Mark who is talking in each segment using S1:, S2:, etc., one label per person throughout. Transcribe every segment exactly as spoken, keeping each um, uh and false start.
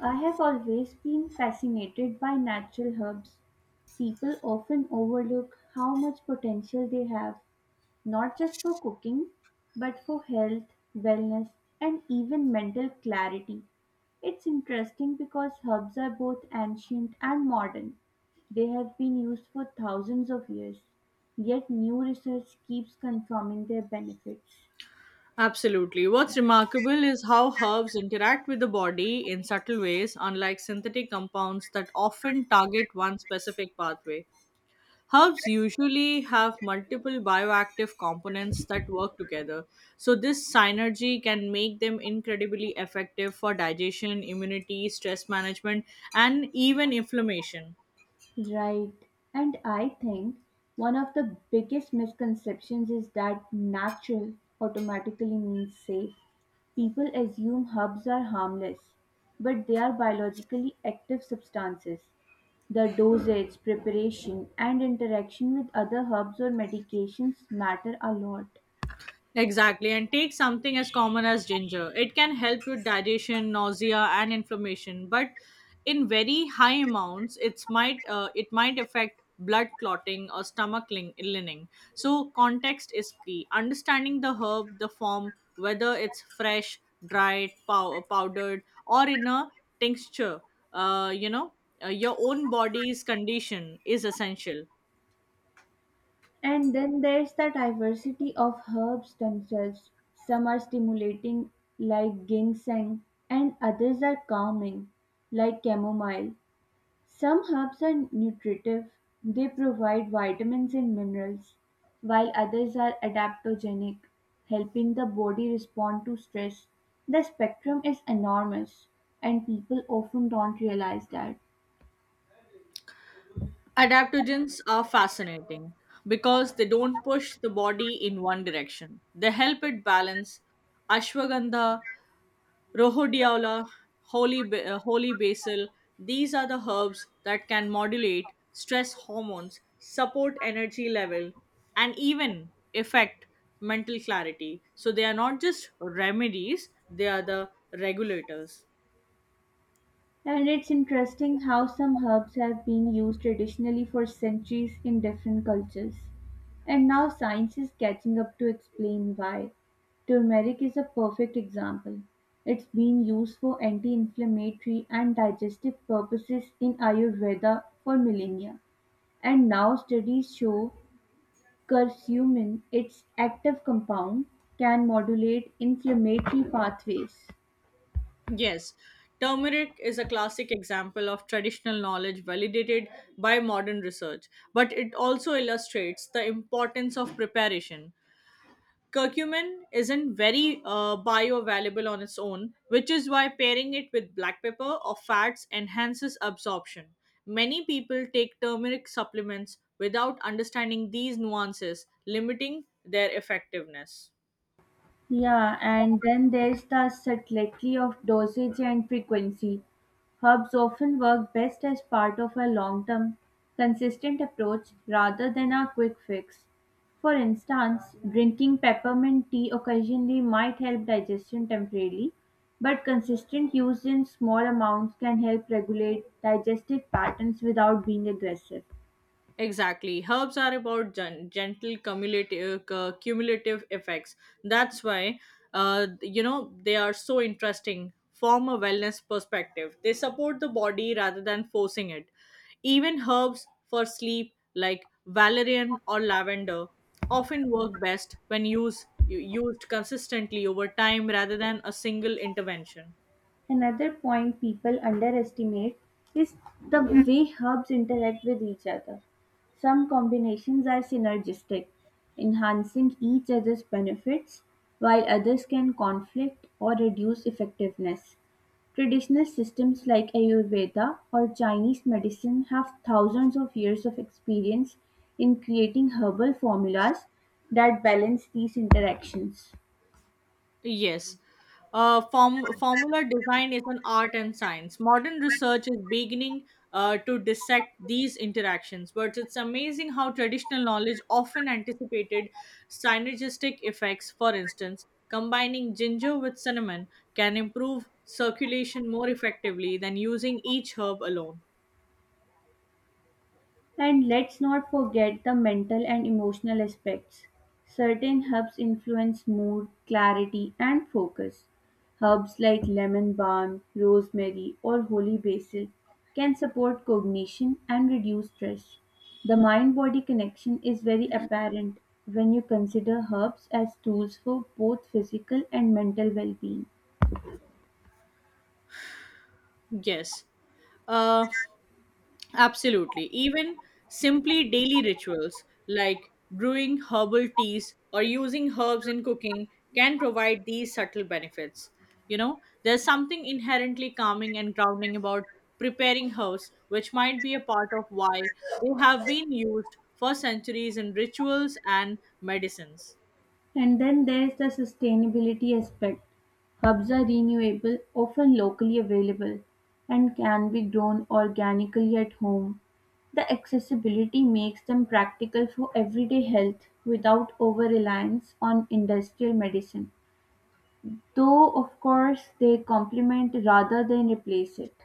S1: I have always been fascinated by natural herbs. People often overlook how much potential they have, not just for cooking, but for health, wellness, and even mental clarity. It's interesting because herbs are both ancient and modern. They have been used for thousands of years, yet new research keeps confirming their benefits.
S2: Absolutely. What's remarkable is how herbs interact with the body in subtle ways, unlike synthetic compounds that often target one specific pathway. Herbs usually have multiple bioactive components that work together, so this synergy can make them incredibly effective for digestion, immunity, stress management, and even inflammation.
S1: Right. And I think one of the biggest misconceptions is that natural automatically means safe. People assume herbs are harmless, but they are biologically active substances. The dosage, preparation, and interaction with other herbs or medications matter a lot.
S2: Exactly, and take something as common as ginger. It can help with digestion, nausea, and inflammation, but in very high amounts, it's might uh, it might affect blood clotting or stomach lin- lining. So context is key. Understanding the herb, the form, whether it's fresh, dried, pow- powdered, or in a tincture, uh, you know, uh, your own body's condition is essential.
S1: And then there's the diversity of herbs themselves. Some are stimulating, like ginseng, and others are calming, like chamomile. Some herbs are nutritive, they provide vitamins and minerals, while others are adaptogenic, helping the body respond to stress. The spectrum is enormous, and people often don't realize that.
S2: Adaptogens are fascinating because they don't push the body in one direction. They help it balance. Ashwagandha, Rohodiola, holy, ba- uh, holy basil, these are the herbs that can modulate stress hormones, support energy level, and even affect mental clarity. So they are not just remedies, they are the regulators.
S1: And it's interesting how some herbs have been used traditionally for centuries in different cultures. And now science is catching up to explain why. Turmeric is a perfect example. It's been used for anti inflammatory and digestive purposes in Ayurveda for millennia. And now studies show curcumin, its active compound, can modulate inflammatory pathways.
S2: Yes, turmeric is a classic example of traditional knowledge validated by modern research, but it also illustrates the importance of preparation. Curcumin isn't very uh, bioavailable on its own, which is why pairing it with black pepper or fats enhances absorption. Many people take turmeric supplements without understanding these nuances, limiting their effectiveness.
S1: Yeah, and then there's the subtlety of dosage and frequency. Herbs often work best as part of a long term, consistent approach rather than a quick fix. For instance, drinking peppermint tea occasionally might help digestion temporarily, but consistent use in small amounts can help regulate digestive patterns without being aggressive.
S2: Exactly. Herbs are about gen- gentle cumulative, uh, cumulative effects. That's why, uh, you know, they are so interesting from a wellness perspective. They support the body rather than forcing it. Even herbs for sleep, like valerian or lavender, often work best when used, used consistently over time rather than a single intervention.
S1: Another point people underestimate is the way herbs interact with each other. Some combinations are synergistic, enhancing each other's benefits, while others can conflict or reduce effectiveness. Traditional systems like Ayurveda or Chinese medicine have thousands of years of experience in creating herbal formulas that balance these interactions.
S2: Yes. Uh, form, formula design is an art and science. Modern research is beginning uh, to dissect these interactions, but it's amazing how traditional knowledge often anticipated synergistic effects. For instance, combining ginger with cinnamon can improve circulation more effectively than using each herb alone.
S1: And let's not forget the mental and emotional aspects. Certain herbs influence mood, clarity, and focus. Herbs like lemon balm, rosemary, or holy basil can support cognition and reduce stress. The mind body connection is very apparent when you consider herbs as tools for both physical and mental well being.
S2: Yes. Uh, Absolutely. Even simply daily rituals like brewing herbal teas or using herbs in cooking can provide these subtle benefits. You know, there's something inherently calming and grounding about preparing herbs, which might be a part of why they have been used for centuries in rituals and medicines.
S1: And then there's the sustainability aspect. Herbs are renewable, often locally available, and can be grown organically at home. The accessibility makes them practical for everyday health without over reliance on industrial medicine. Though, of course, they complement rather than replace it.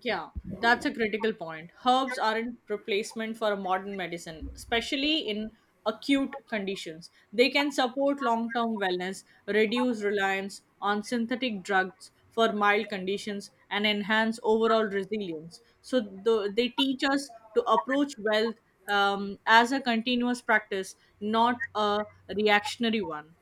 S2: Yeah, that's a critical point. Herbs aren't replacement for modern medicine, especially in acute conditions. They can support long-term wellness, reduce reliance on synthetic drugs for mild conditions, and enhance overall resilience. So the, they teach us to approach wealth um, as a continuous practice, not a reactionary one.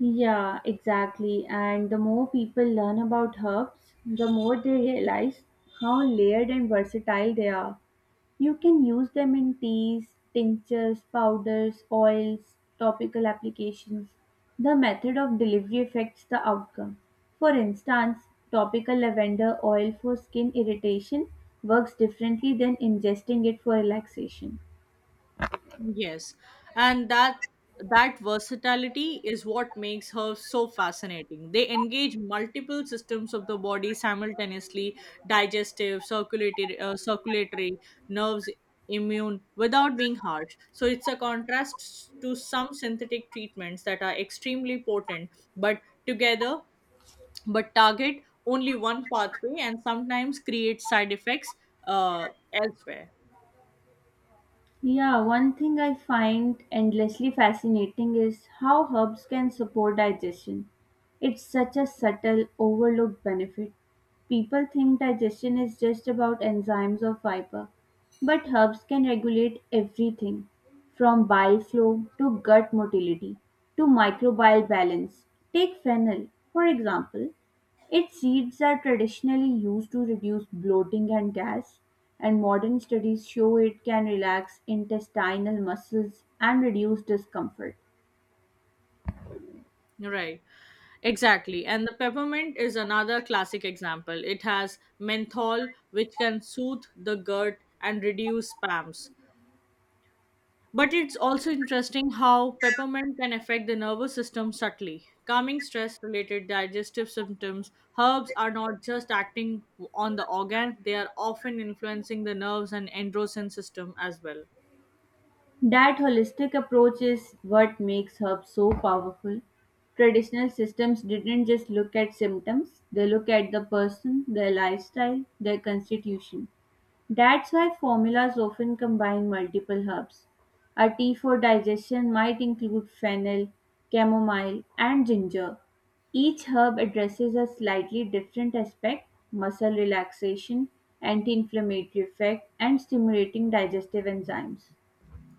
S1: Yeah, exactly. And the more people learn about herbs, the more they realize how layered and versatile they are. You can use them in teas, tinctures, powders, oils, topical applications. The method of delivery affects the outcome. For instance, topical lavender oil for skin irritation works differently than ingesting it for relaxation.
S2: Yes, and that that versatility is what makes her so fascinating. They engage multiple systems of the body simultaneously: digestive, circulatory, uh, circulatory, nerves, immune, without being harsh. So it's a contrast to some synthetic treatments that are extremely potent, but together, but target only one pathway and sometimes create side effects uh, elsewhere.
S1: Yeah, one thing I find endlessly fascinating is how herbs can support digestion. It's such a subtle, overlooked benefit. People think digestion is just about enzymes or fiber, but herbs can regulate everything from bile flow to gut motility to microbial balance. Take fennel, for example. Its seeds are traditionally used to reduce bloating and gas, and modern studies show it can relax intestinal muscles and reduce discomfort.
S2: Right. Exactly. And the peppermint is another classic example. It has menthol, which can soothe the gut and reduce spasms. But it's also interesting how peppermint can affect the nervous system subtly. Calming stress related digestive symptoms, herbs are not just acting on the organ, they are often influencing the nerves and endocrine system as well.
S1: That holistic approach is what makes herbs so powerful. Traditional systems didn't just look at symptoms, they look at the person, their lifestyle, their constitution. That's why formulas often combine multiple herbs. A tea for digestion might include fennel, chamomile, and ginger. Each herb addresses a slightly different aspect muscle relaxation, anti inflammatory effect, and stimulating digestive enzymes.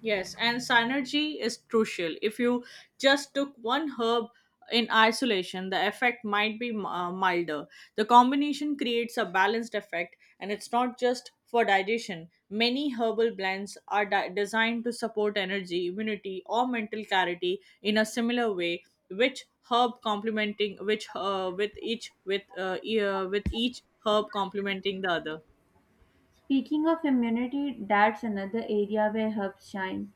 S2: Yes, and synergy is crucial. If you just took one herb in isolation, the effect might be uh, milder. The combination creates a balanced effect, and it's not just for digestion. Many herbal blends are di- designed to support energy, immunity, or mental clarity in a similar way. Which herb complementing which uh, with each with uh, e- uh, with each herb complementing the other.
S1: Speaking of immunity, that's another area where herbs shine.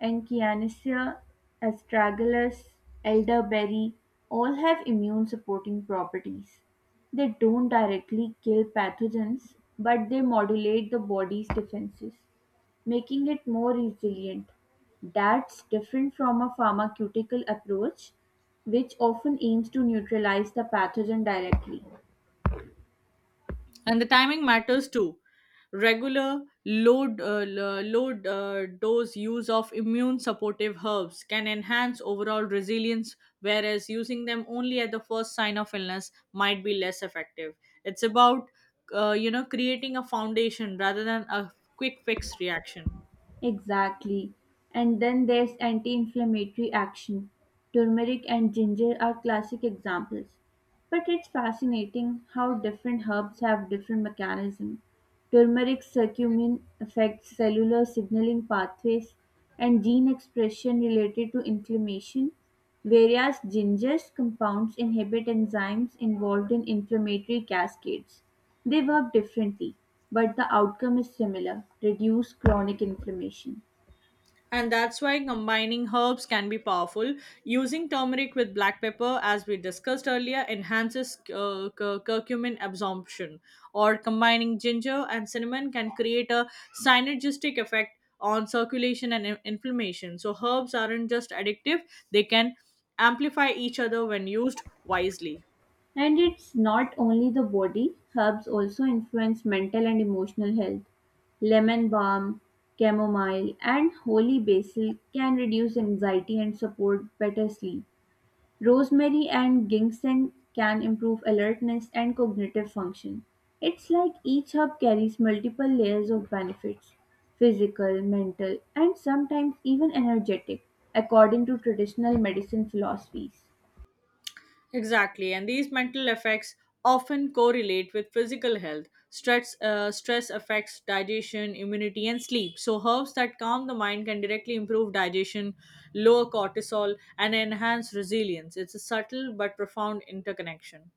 S1: "Echinacea", astragalus, elderberry all have immune-supporting properties. They don't directly kill pathogens, but they modulate the body's defenses, making it more resilient. That's different from a pharmaceutical approach, which often aims to neutralize the pathogen directly.
S2: And the timing matters too. Regular load, uh, lo- low uh, dose use of immune supportive herbs can enhance overall resilience, whereas using them only at the first sign of illness might be less effective. It's about uh, you know creating a foundation rather than a quick fix reaction.
S1: Exactly. And then there's anti inflammatory action. Turmeric and ginger are classic examples. But it's fascinating how different herbs have different mechanisms. Turmeric's curcumin affects cellular signaling pathways and gene expression related to inflammation, Various gingers compounds inhibit enzymes involved in inflammatory cascades; they work differently, but the outcome is similar: reduce chronic inflammation.
S2: And that's why combining herbs can be powerful. Using turmeric with black pepper, as we discussed earlier, enhances uh, cur- curcumin absorption. Or combining ginger and cinnamon can create a synergistic effect on circulation and in- inflammation. So, herbs aren't just addictive, they can amplify each other when used wisely.
S1: And it's not only the body, herbs also influence mental and emotional health. Lemon balm, chamomile, and holy basil can reduce anxiety and support better sleep. Rosemary and ginseng can improve alertness and cognitive function. It's like each herb carries multiple layers of benefits physical, mental, and sometimes even energetic, according to traditional medicine philosophies.
S2: Exactly, and these mental effects often correlate with physical health. Stress, uh, stress affects digestion, immunity, and sleep. So, herbs that calm the mind can directly improve digestion, lower cortisol, and enhance resilience. It's a subtle but profound interconnection.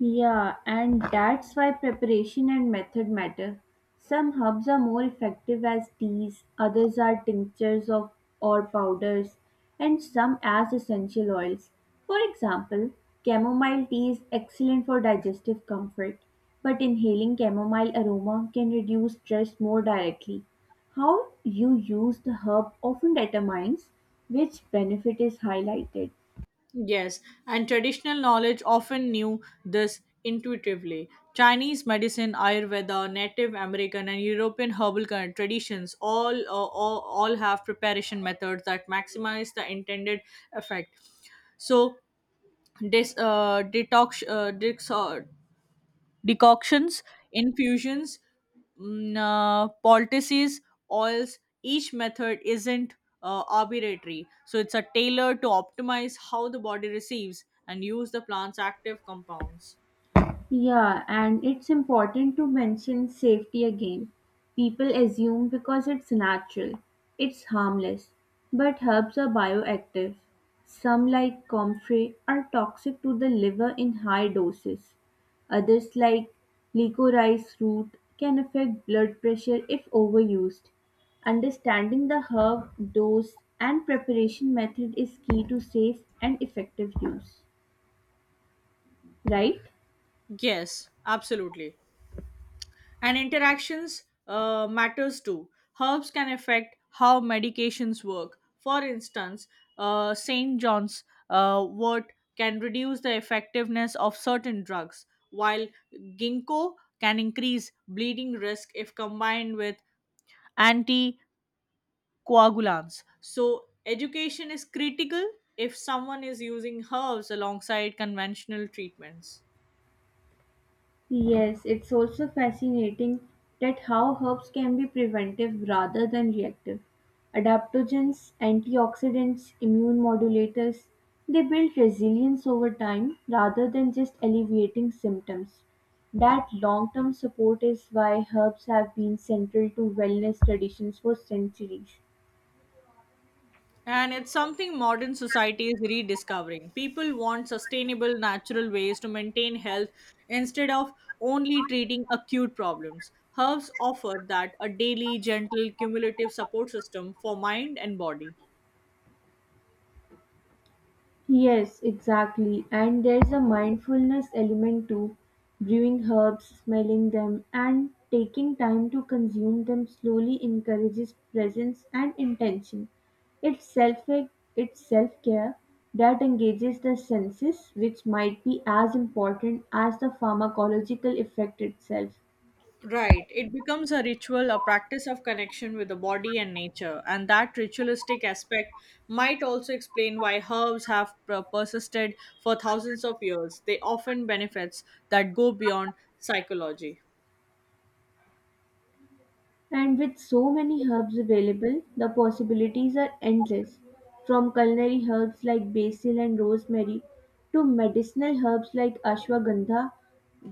S1: Yeah, and that's why preparation and method matter. Some herbs are more effective as teas, others are tinctures of or powders, and some as essential oils. For example, chamomile tea is excellent for digestive comfort, but inhaling chamomile aroma can reduce stress more directly. How you use the herb often determines which benefit is highlighted.
S2: Yes, and traditional knowledge often knew this intuitively. Chinese medicine, Ayurveda, Native American, and European herbal cur- traditions all, uh, all all have preparation methods that maximize the intended effect. So, this uh, detox uh, detox Decoctions, infusions, mm, uh, poultices, oils, each method isn't uh, arbitrary. So it's a tailor to optimize how the body receives and use the plant's active compounds.
S1: Yeah, and it's important to mention safety again. People assume because it's natural, it's harmless, but herbs are bioactive. Some, like comfrey, are toxic to the liver in high doses. Others, like licorice root, can affect blood pressure if overused. Understanding the herb dose and preparation method is key to safe and effective use, right?
S2: Yes, absolutely. And interactions uh, matters too. Herbs can affect how medications work. For instance, uh, st John's uh, wort can reduce the effectiveness of certain drugs, while ginkgo can increase bleeding risk if combined with anticoagulants. So education is critical if someone is using herbs alongside conventional treatments.
S1: Yes, it's also fascinating that how herbs can be preventive rather than reactive. Adaptogens, antioxidants, immune modulators, they build resilience over time rather than just alleviating symptoms. That long term support is why herbs have been central to wellness traditions for centuries.
S2: And it's something modern society is rediscovering. People want sustainable, natural ways to maintain health instead of only treating acute problems. Herbs offer that a daily, gentle, cumulative support system for mind and body.
S1: Yes, exactly. And there's a mindfulness element too. Brewing herbs, smelling them, and taking time to consume them slowly encourages presence and intention. It's self it's self care that engages the senses, which might be as important as the pharmacological effect itself.
S2: Right. It becomes a ritual, a practice of connection with the body and nature. And that ritualistic aspect might also explain why herbs have per- persisted for thousands of years. They often benefits that go beyond psychology.
S1: And with so many herbs available, the possibilities are endless. From culinary herbs like basil and rosemary to medicinal herbs like ashwagandha,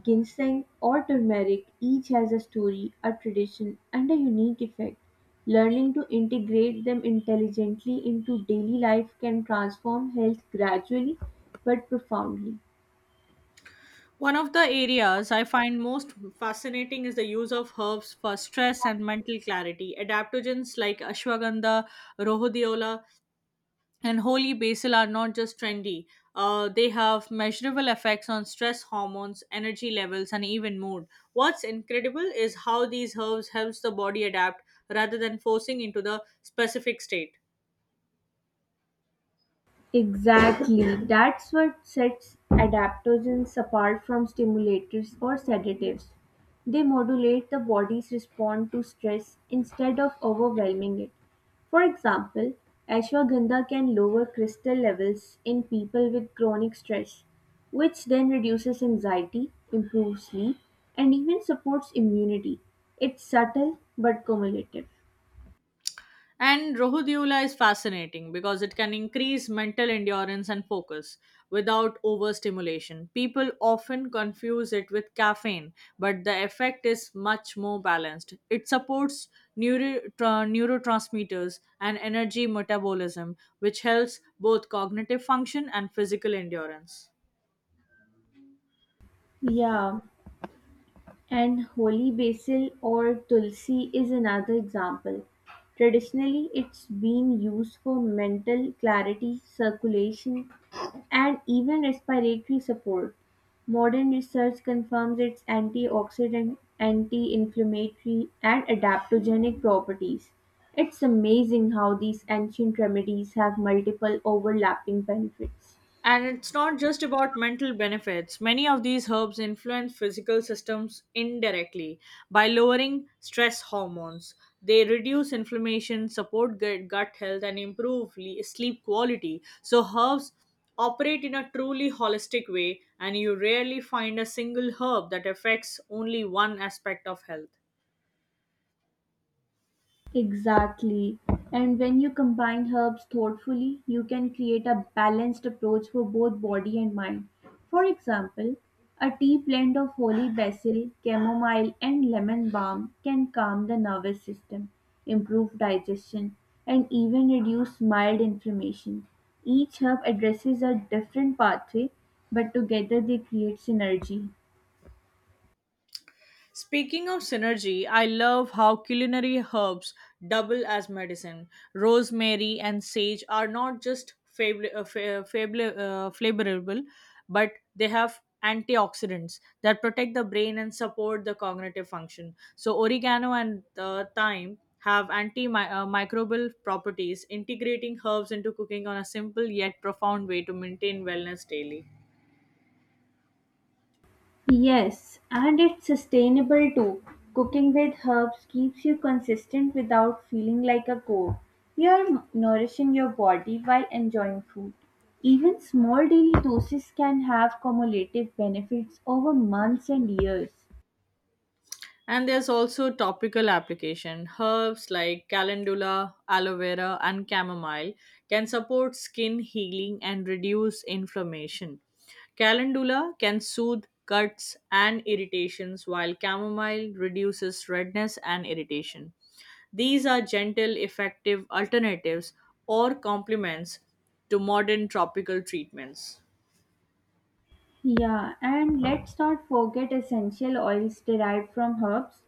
S1: ginseng, or turmeric, each has a story, a tradition, and a unique effect. Learning to integrate them intelligently into daily life can transform health gradually but profoundly.
S2: One of the areas I find most fascinating is the use of herbs for stress and mental clarity. Adaptogens like ashwagandha, rhodiola, and holy basil are not just trendy. Uh, they have measurable effects on stress hormones, energy levels, and even mood. What's incredible is how these herbs helps the body adapt rather than forcing into the specific state.
S1: Exactly, that's what sets adaptogens apart from stimulators or sedatives. They modulate the body's response to stress instead of overwhelming it. For example, ashwagandha can lower crystal levels in people with chronic stress, which then reduces anxiety, improves sleep, and even supports immunity. It's subtle but cumulative.
S2: And Rohudula is fascinating because it can increase mental endurance and focus without overstimulation. People often confuse it with caffeine, but the effect is much more balanced. It supports neuro- tra- neurotransmitters and energy metabolism, which helps both cognitive function and physical endurance.
S1: Yeah. And holy basil or tulsi is another example. Traditionally, it's been used for mental clarity, circulation, and even respiratory support. Modern research confirms its antioxidant, anti inflammatory, and adaptogenic properties. It's amazing how these ancient remedies have multiple overlapping benefits.
S2: And it's not just about mental benefits. Many of these herbs influence physical systems indirectly by lowering stress hormones. They reduce inflammation, support gut gut health, and improve le- sleep quality. So, herbs operate in a truly holistic way, and you rarely find a single herb that affects only one aspect of health.
S1: Exactly. And when you combine herbs thoughtfully, you can create a balanced approach for both body and mind. For example, a tea blend of holy basil, chamomile, and lemon balm can calm the nervous system, improve digestion, and even reduce mild inflammation. Each herb addresses a different pathway, but together they create synergy.
S2: Speaking of synergy, I love how culinary herbs double as medicine. Rosemary and sage are not just fabl- uh, fa- fabl- uh, flavorable, but they have antioxidants that protect the brain and support the cognitive function. So, oregano and uh, thyme have antimicrobial properties, integrating herbs into cooking on a simple yet profound way to maintain wellness daily.
S1: Yes, and it's sustainable too. Cooking with herbs keeps you consistent without feeling like a chore. You're nourishing your body while enjoying food. Even small daily doses can have cumulative benefits over months and years.
S2: And there's also topical application. Herbs like calendula, aloe vera, and chamomile can support skin healing and reduce inflammation. Calendula can soothe cuts and irritations, while chamomile reduces redness and irritation. These are gentle, effective alternatives or complements to modern tropical treatments.
S1: Yeah, and let's not forget essential oils derived from herbs.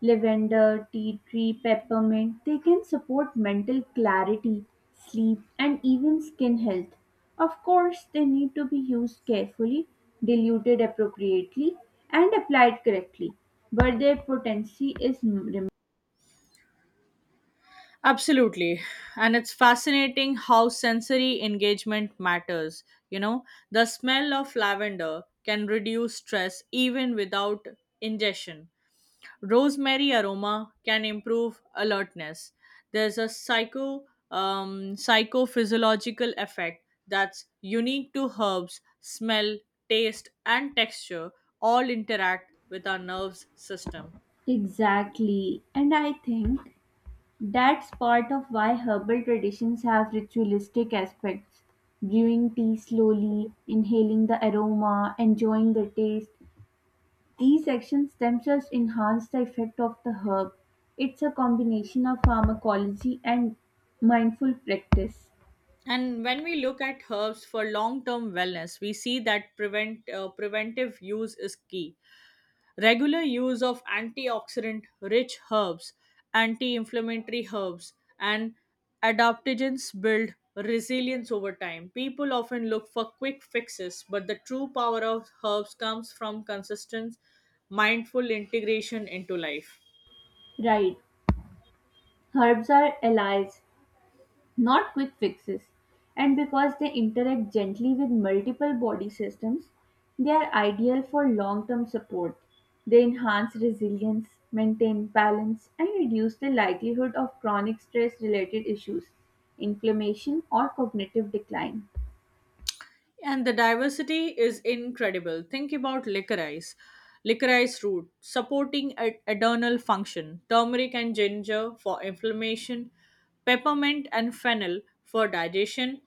S1: Lavender, tea tree, peppermint, they can support mental clarity, sleep, and even skin health. Of course, they need to be used carefully, diluted appropriately, and applied correctly. But their potency is m- rem-
S2: Absolutely. And it's fascinating how sensory engagement matters. You know, the smell of lavender can reduce stress even without ingestion. Rosemary aroma can improve alertness. There's a psycho um, psychophysiological effect that's unique to herbs, smell, taste, and texture all interact with our nerves system.
S1: Exactly. And I think that's part of why herbal traditions have ritualistic aspects. Brewing tea slowly, inhaling the aroma, enjoying the taste. These actions themselves enhance the effect of the herb. It's a combination of pharmacology and mindful practice.
S2: And when we look at herbs for long-term wellness, we see that prevent uh, preventive use is key. Regular use of antioxidant-rich herbs, anti-inflammatory herbs, and adaptogens build resilience over time. People often look for quick fixes, but the true power of herbs comes from consistent, mindful integration into life.
S1: Right. Herbs are allies, not quick fixes, and because they interact gently with multiple body systems, they are ideal for long term support. They enhance resilience, maintain balance, and reduce the likelihood of chronic stress related issues, inflammation, or cognitive decline.
S2: And the diversity is incredible. Think about licorice, licorice root, supporting a- adrenal function, turmeric and ginger for inflammation, peppermint and fennel for digestion,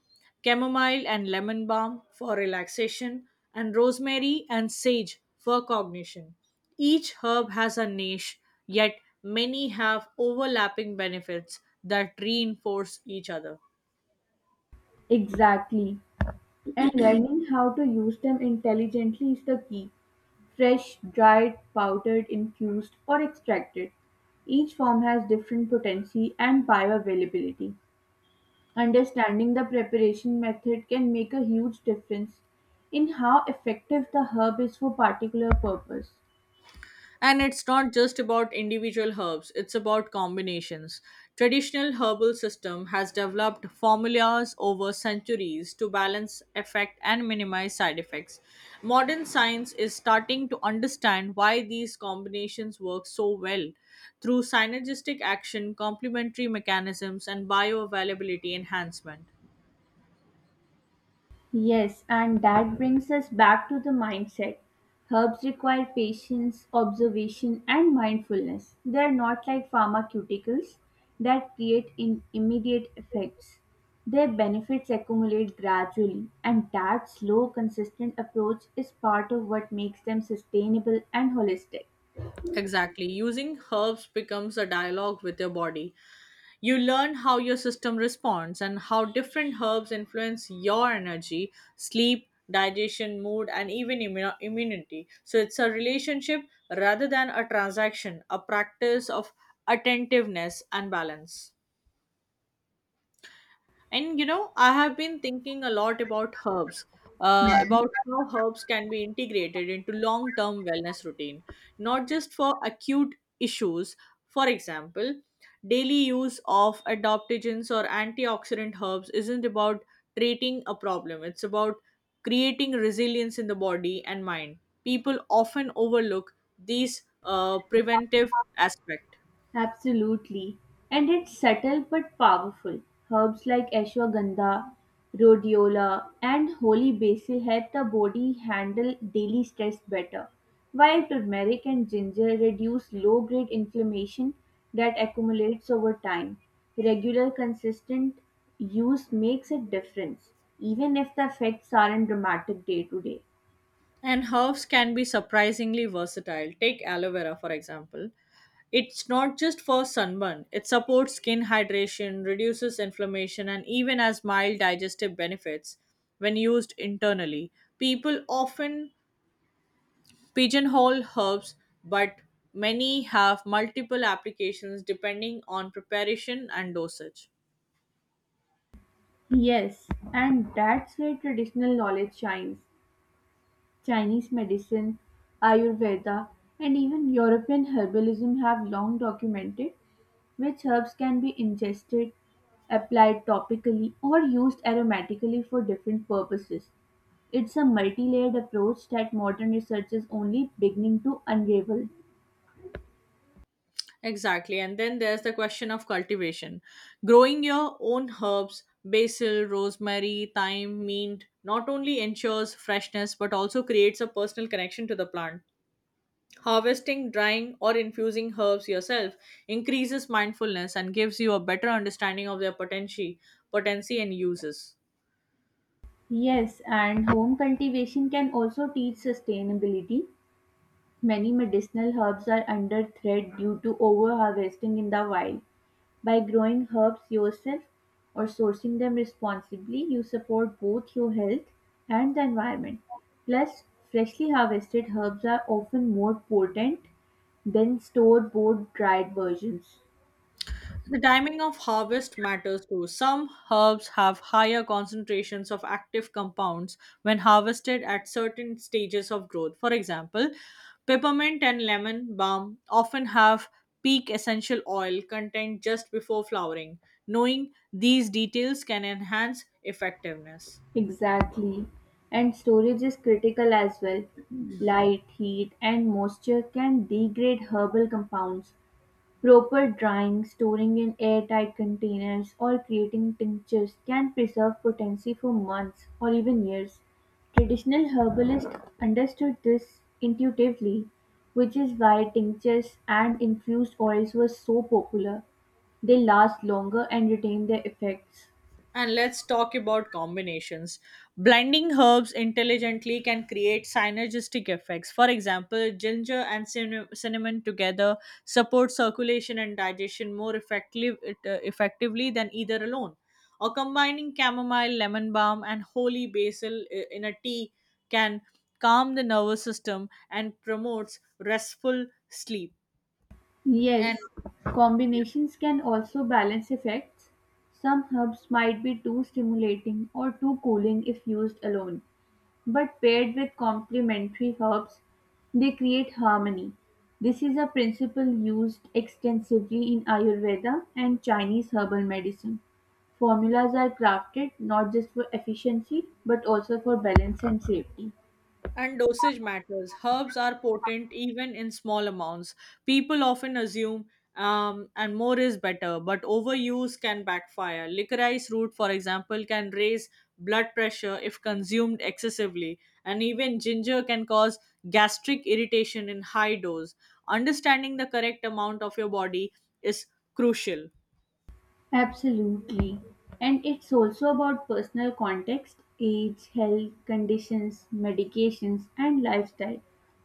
S2: chamomile and lemon balm for relaxation, and rosemary and sage for cognition. Each herb has a niche, yet many have overlapping benefits that reinforce each other.
S1: Exactly. And learning how to use them intelligently is the key. Fresh, dried, powdered, infused, or extracted. Each form has different potency and bioavailability. Understanding the preparation method can make a huge difference in how effective the herb is for particular purpose.
S2: And it's not just about individual herbs, it's about combinations. Traditional herbal system has developed formulas over centuries to balance effect and minimize side effects. Modern science is starting to understand why these combinations work so well through synergistic action, complementary mechanisms and bioavailability enhancement.
S1: Yes, and that brings us back to the mindset. Herbs require patience, observation, and mindfulness. They are not like pharmaceuticals that create in immediate effects. Their benefits accumulate gradually, and that slow, consistent approach is part of what makes them sustainable and holistic.
S2: Exactly. Using herbs becomes a dialogue with your body. You learn how your system responds and how different herbs influence your energy, sleep, digestion, mood, and even immu- immunity. So it's a relationship rather than a transaction, a practice of attentiveness and balance. And you know, I have been thinking a lot about herbs, uh, about how herbs can be integrated into long term wellness routine, not just for acute issues. For example, daily use of adaptogens or antioxidant herbs isn't about treating a problem, it's about creating resilience in the body and mind. People often overlook these uh, preventive aspect.
S1: Absolutely. And it's subtle but powerful. Herbs like ashwagandha, rhodiola, and holy basil help the body handle daily stress better, while turmeric and ginger reduce low grade inflammation that accumulates over time. Regular, consistent use makes a difference, even if the effects aren't dramatic day to day.
S2: And herbs can be surprisingly versatile. Take aloe vera, for example. It's not just for sunburn. It supports skin hydration, reduces inflammation, and even has mild digestive benefits when used internally. People often pigeonhole herbs, but many have multiple applications depending on preparation and dosage.
S1: Yes, and that's where traditional knowledge shines. Chinese medicine, Ayurveda, and even European herbalism have long documented which herbs can be ingested, applied topically, or used aromatically for different purposes. It's a multi layered approach that modern research is only beginning to unravel.
S2: Exactly. And then there's the question of cultivation. Growing your own herbs, basil, rosemary, thyme, mint, not only ensures freshness but also creates a personal connection to the plant. Harvesting, drying, or infusing herbs yourself increases mindfulness and gives you a better understanding of their potency, potency and uses.
S1: Yes, and home cultivation can also teach sustainability. Many medicinal herbs are under threat due to overharvesting in the wild. By growing herbs yourself or sourcing them responsibly, you support both your health and the environment. Plus, freshly harvested herbs are often more potent than store-bought dried versions.
S2: The timing of harvest matters too. Some herbs have higher concentrations of active compounds when harvested at certain stages of growth. For example, peppermint and lemon balm often have peak essential oil content just before flowering. Knowing these details can enhance effectiveness.
S1: Exactly. And storage is critical as well. Light, heat, and moisture can degrade herbal compounds. Proper drying, storing in airtight containers, or creating tinctures can preserve potency for months or even years. Traditional herbalists understood this intuitively, which is why tinctures and infused oils were so popular. They last longer and retain their effects.
S2: And let's talk about combinations. Blending herbs intelligently can create synergistic effects. For example, ginger and cinna- cinnamon together support circulation and digestion more effective, it, uh, effectively than either alone. Or combining chamomile, lemon balm, and holy basil i- in a tea can calm the nervous system and promotes restful sleep.
S1: Yes,
S2: And
S1: combinations can also balance effects. Some herbs might be too stimulating or too cooling if used alone, but paired with complementary herbs, they create harmony. This is a principle used extensively in Ayurveda and Chinese herbal medicine. Formulas are crafted not just for efficiency but also for balance and safety.
S2: And dosage matters. Herbs are potent even in small amounts. People often assume um, and more is better, but overuse can backfire. Licorice root, for example, can raise blood pressure if consumed excessively, and even ginger can cause gastric irritation in high dose. Understanding the correct amount of your body is crucial.
S1: Absolutely. And it's also about personal context, age, health conditions, medications, and lifestyle.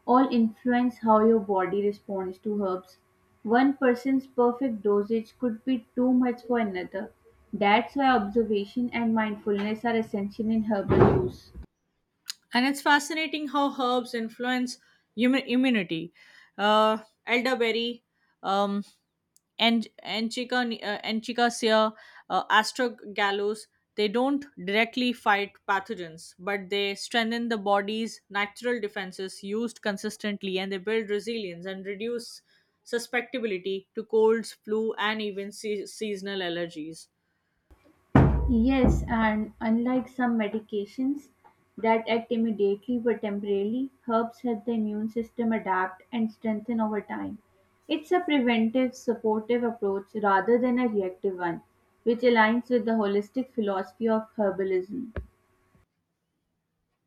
S1: All influence how your body responds to herbs. One person's perfect dosage could be too much for another. That's why observation and mindfulness are essential in herbal use.
S2: And it's fascinating how herbs influence hum- immunity. Uh, elderberry, um, and Enchica, uh, Enchicasea, uh, Astragalus, they don't directly fight pathogens, but they strengthen the body's natural defenses used consistently and they build resilience and reduce susceptibility to colds, flu, and even se- seasonal allergies.
S1: Yes, and unlike some medications that act immediately but temporarily, herbs help the immune system adapt and strengthen over time. It's a preventive, supportive approach rather than a reactive one, which aligns with the holistic philosophy of herbalism.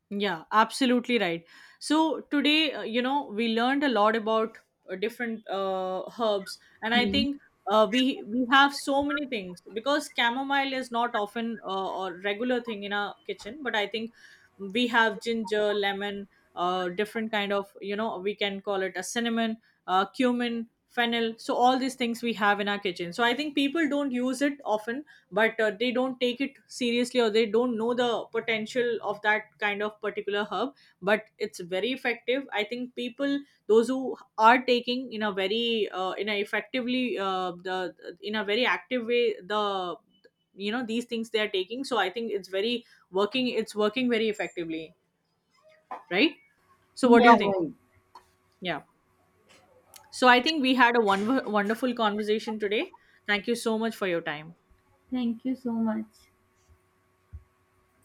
S2: Yeah, absolutely right. So today, uh, you know, we learned a lot about uh, different uh, herbs, and I
S1: Hmm.
S2: think uh, we we have so many things because chamomile is not often uh, or regular thing in our kitchen, but I think we have ginger, lemon, uh, different kind of you know we can call it a cinnamon, uh, cumin, fennel. So all these things we have in our kitchen. So I think people don't use it often, but uh, they don't take it seriously, or they don't know the potential of that kind of particular herb. But it's very effective. I think people, those who are taking in a very uh, in a effectively uh, the in a very active way, the you know these things they are taking, so I think it's very working it's working very effectively, right? So what do you
S1: Yeah,
S2: think?
S1: right.
S2: Yeah. So I think we had a one wonderful conversation today. Thank you so much for your time.
S1: Thank you so much.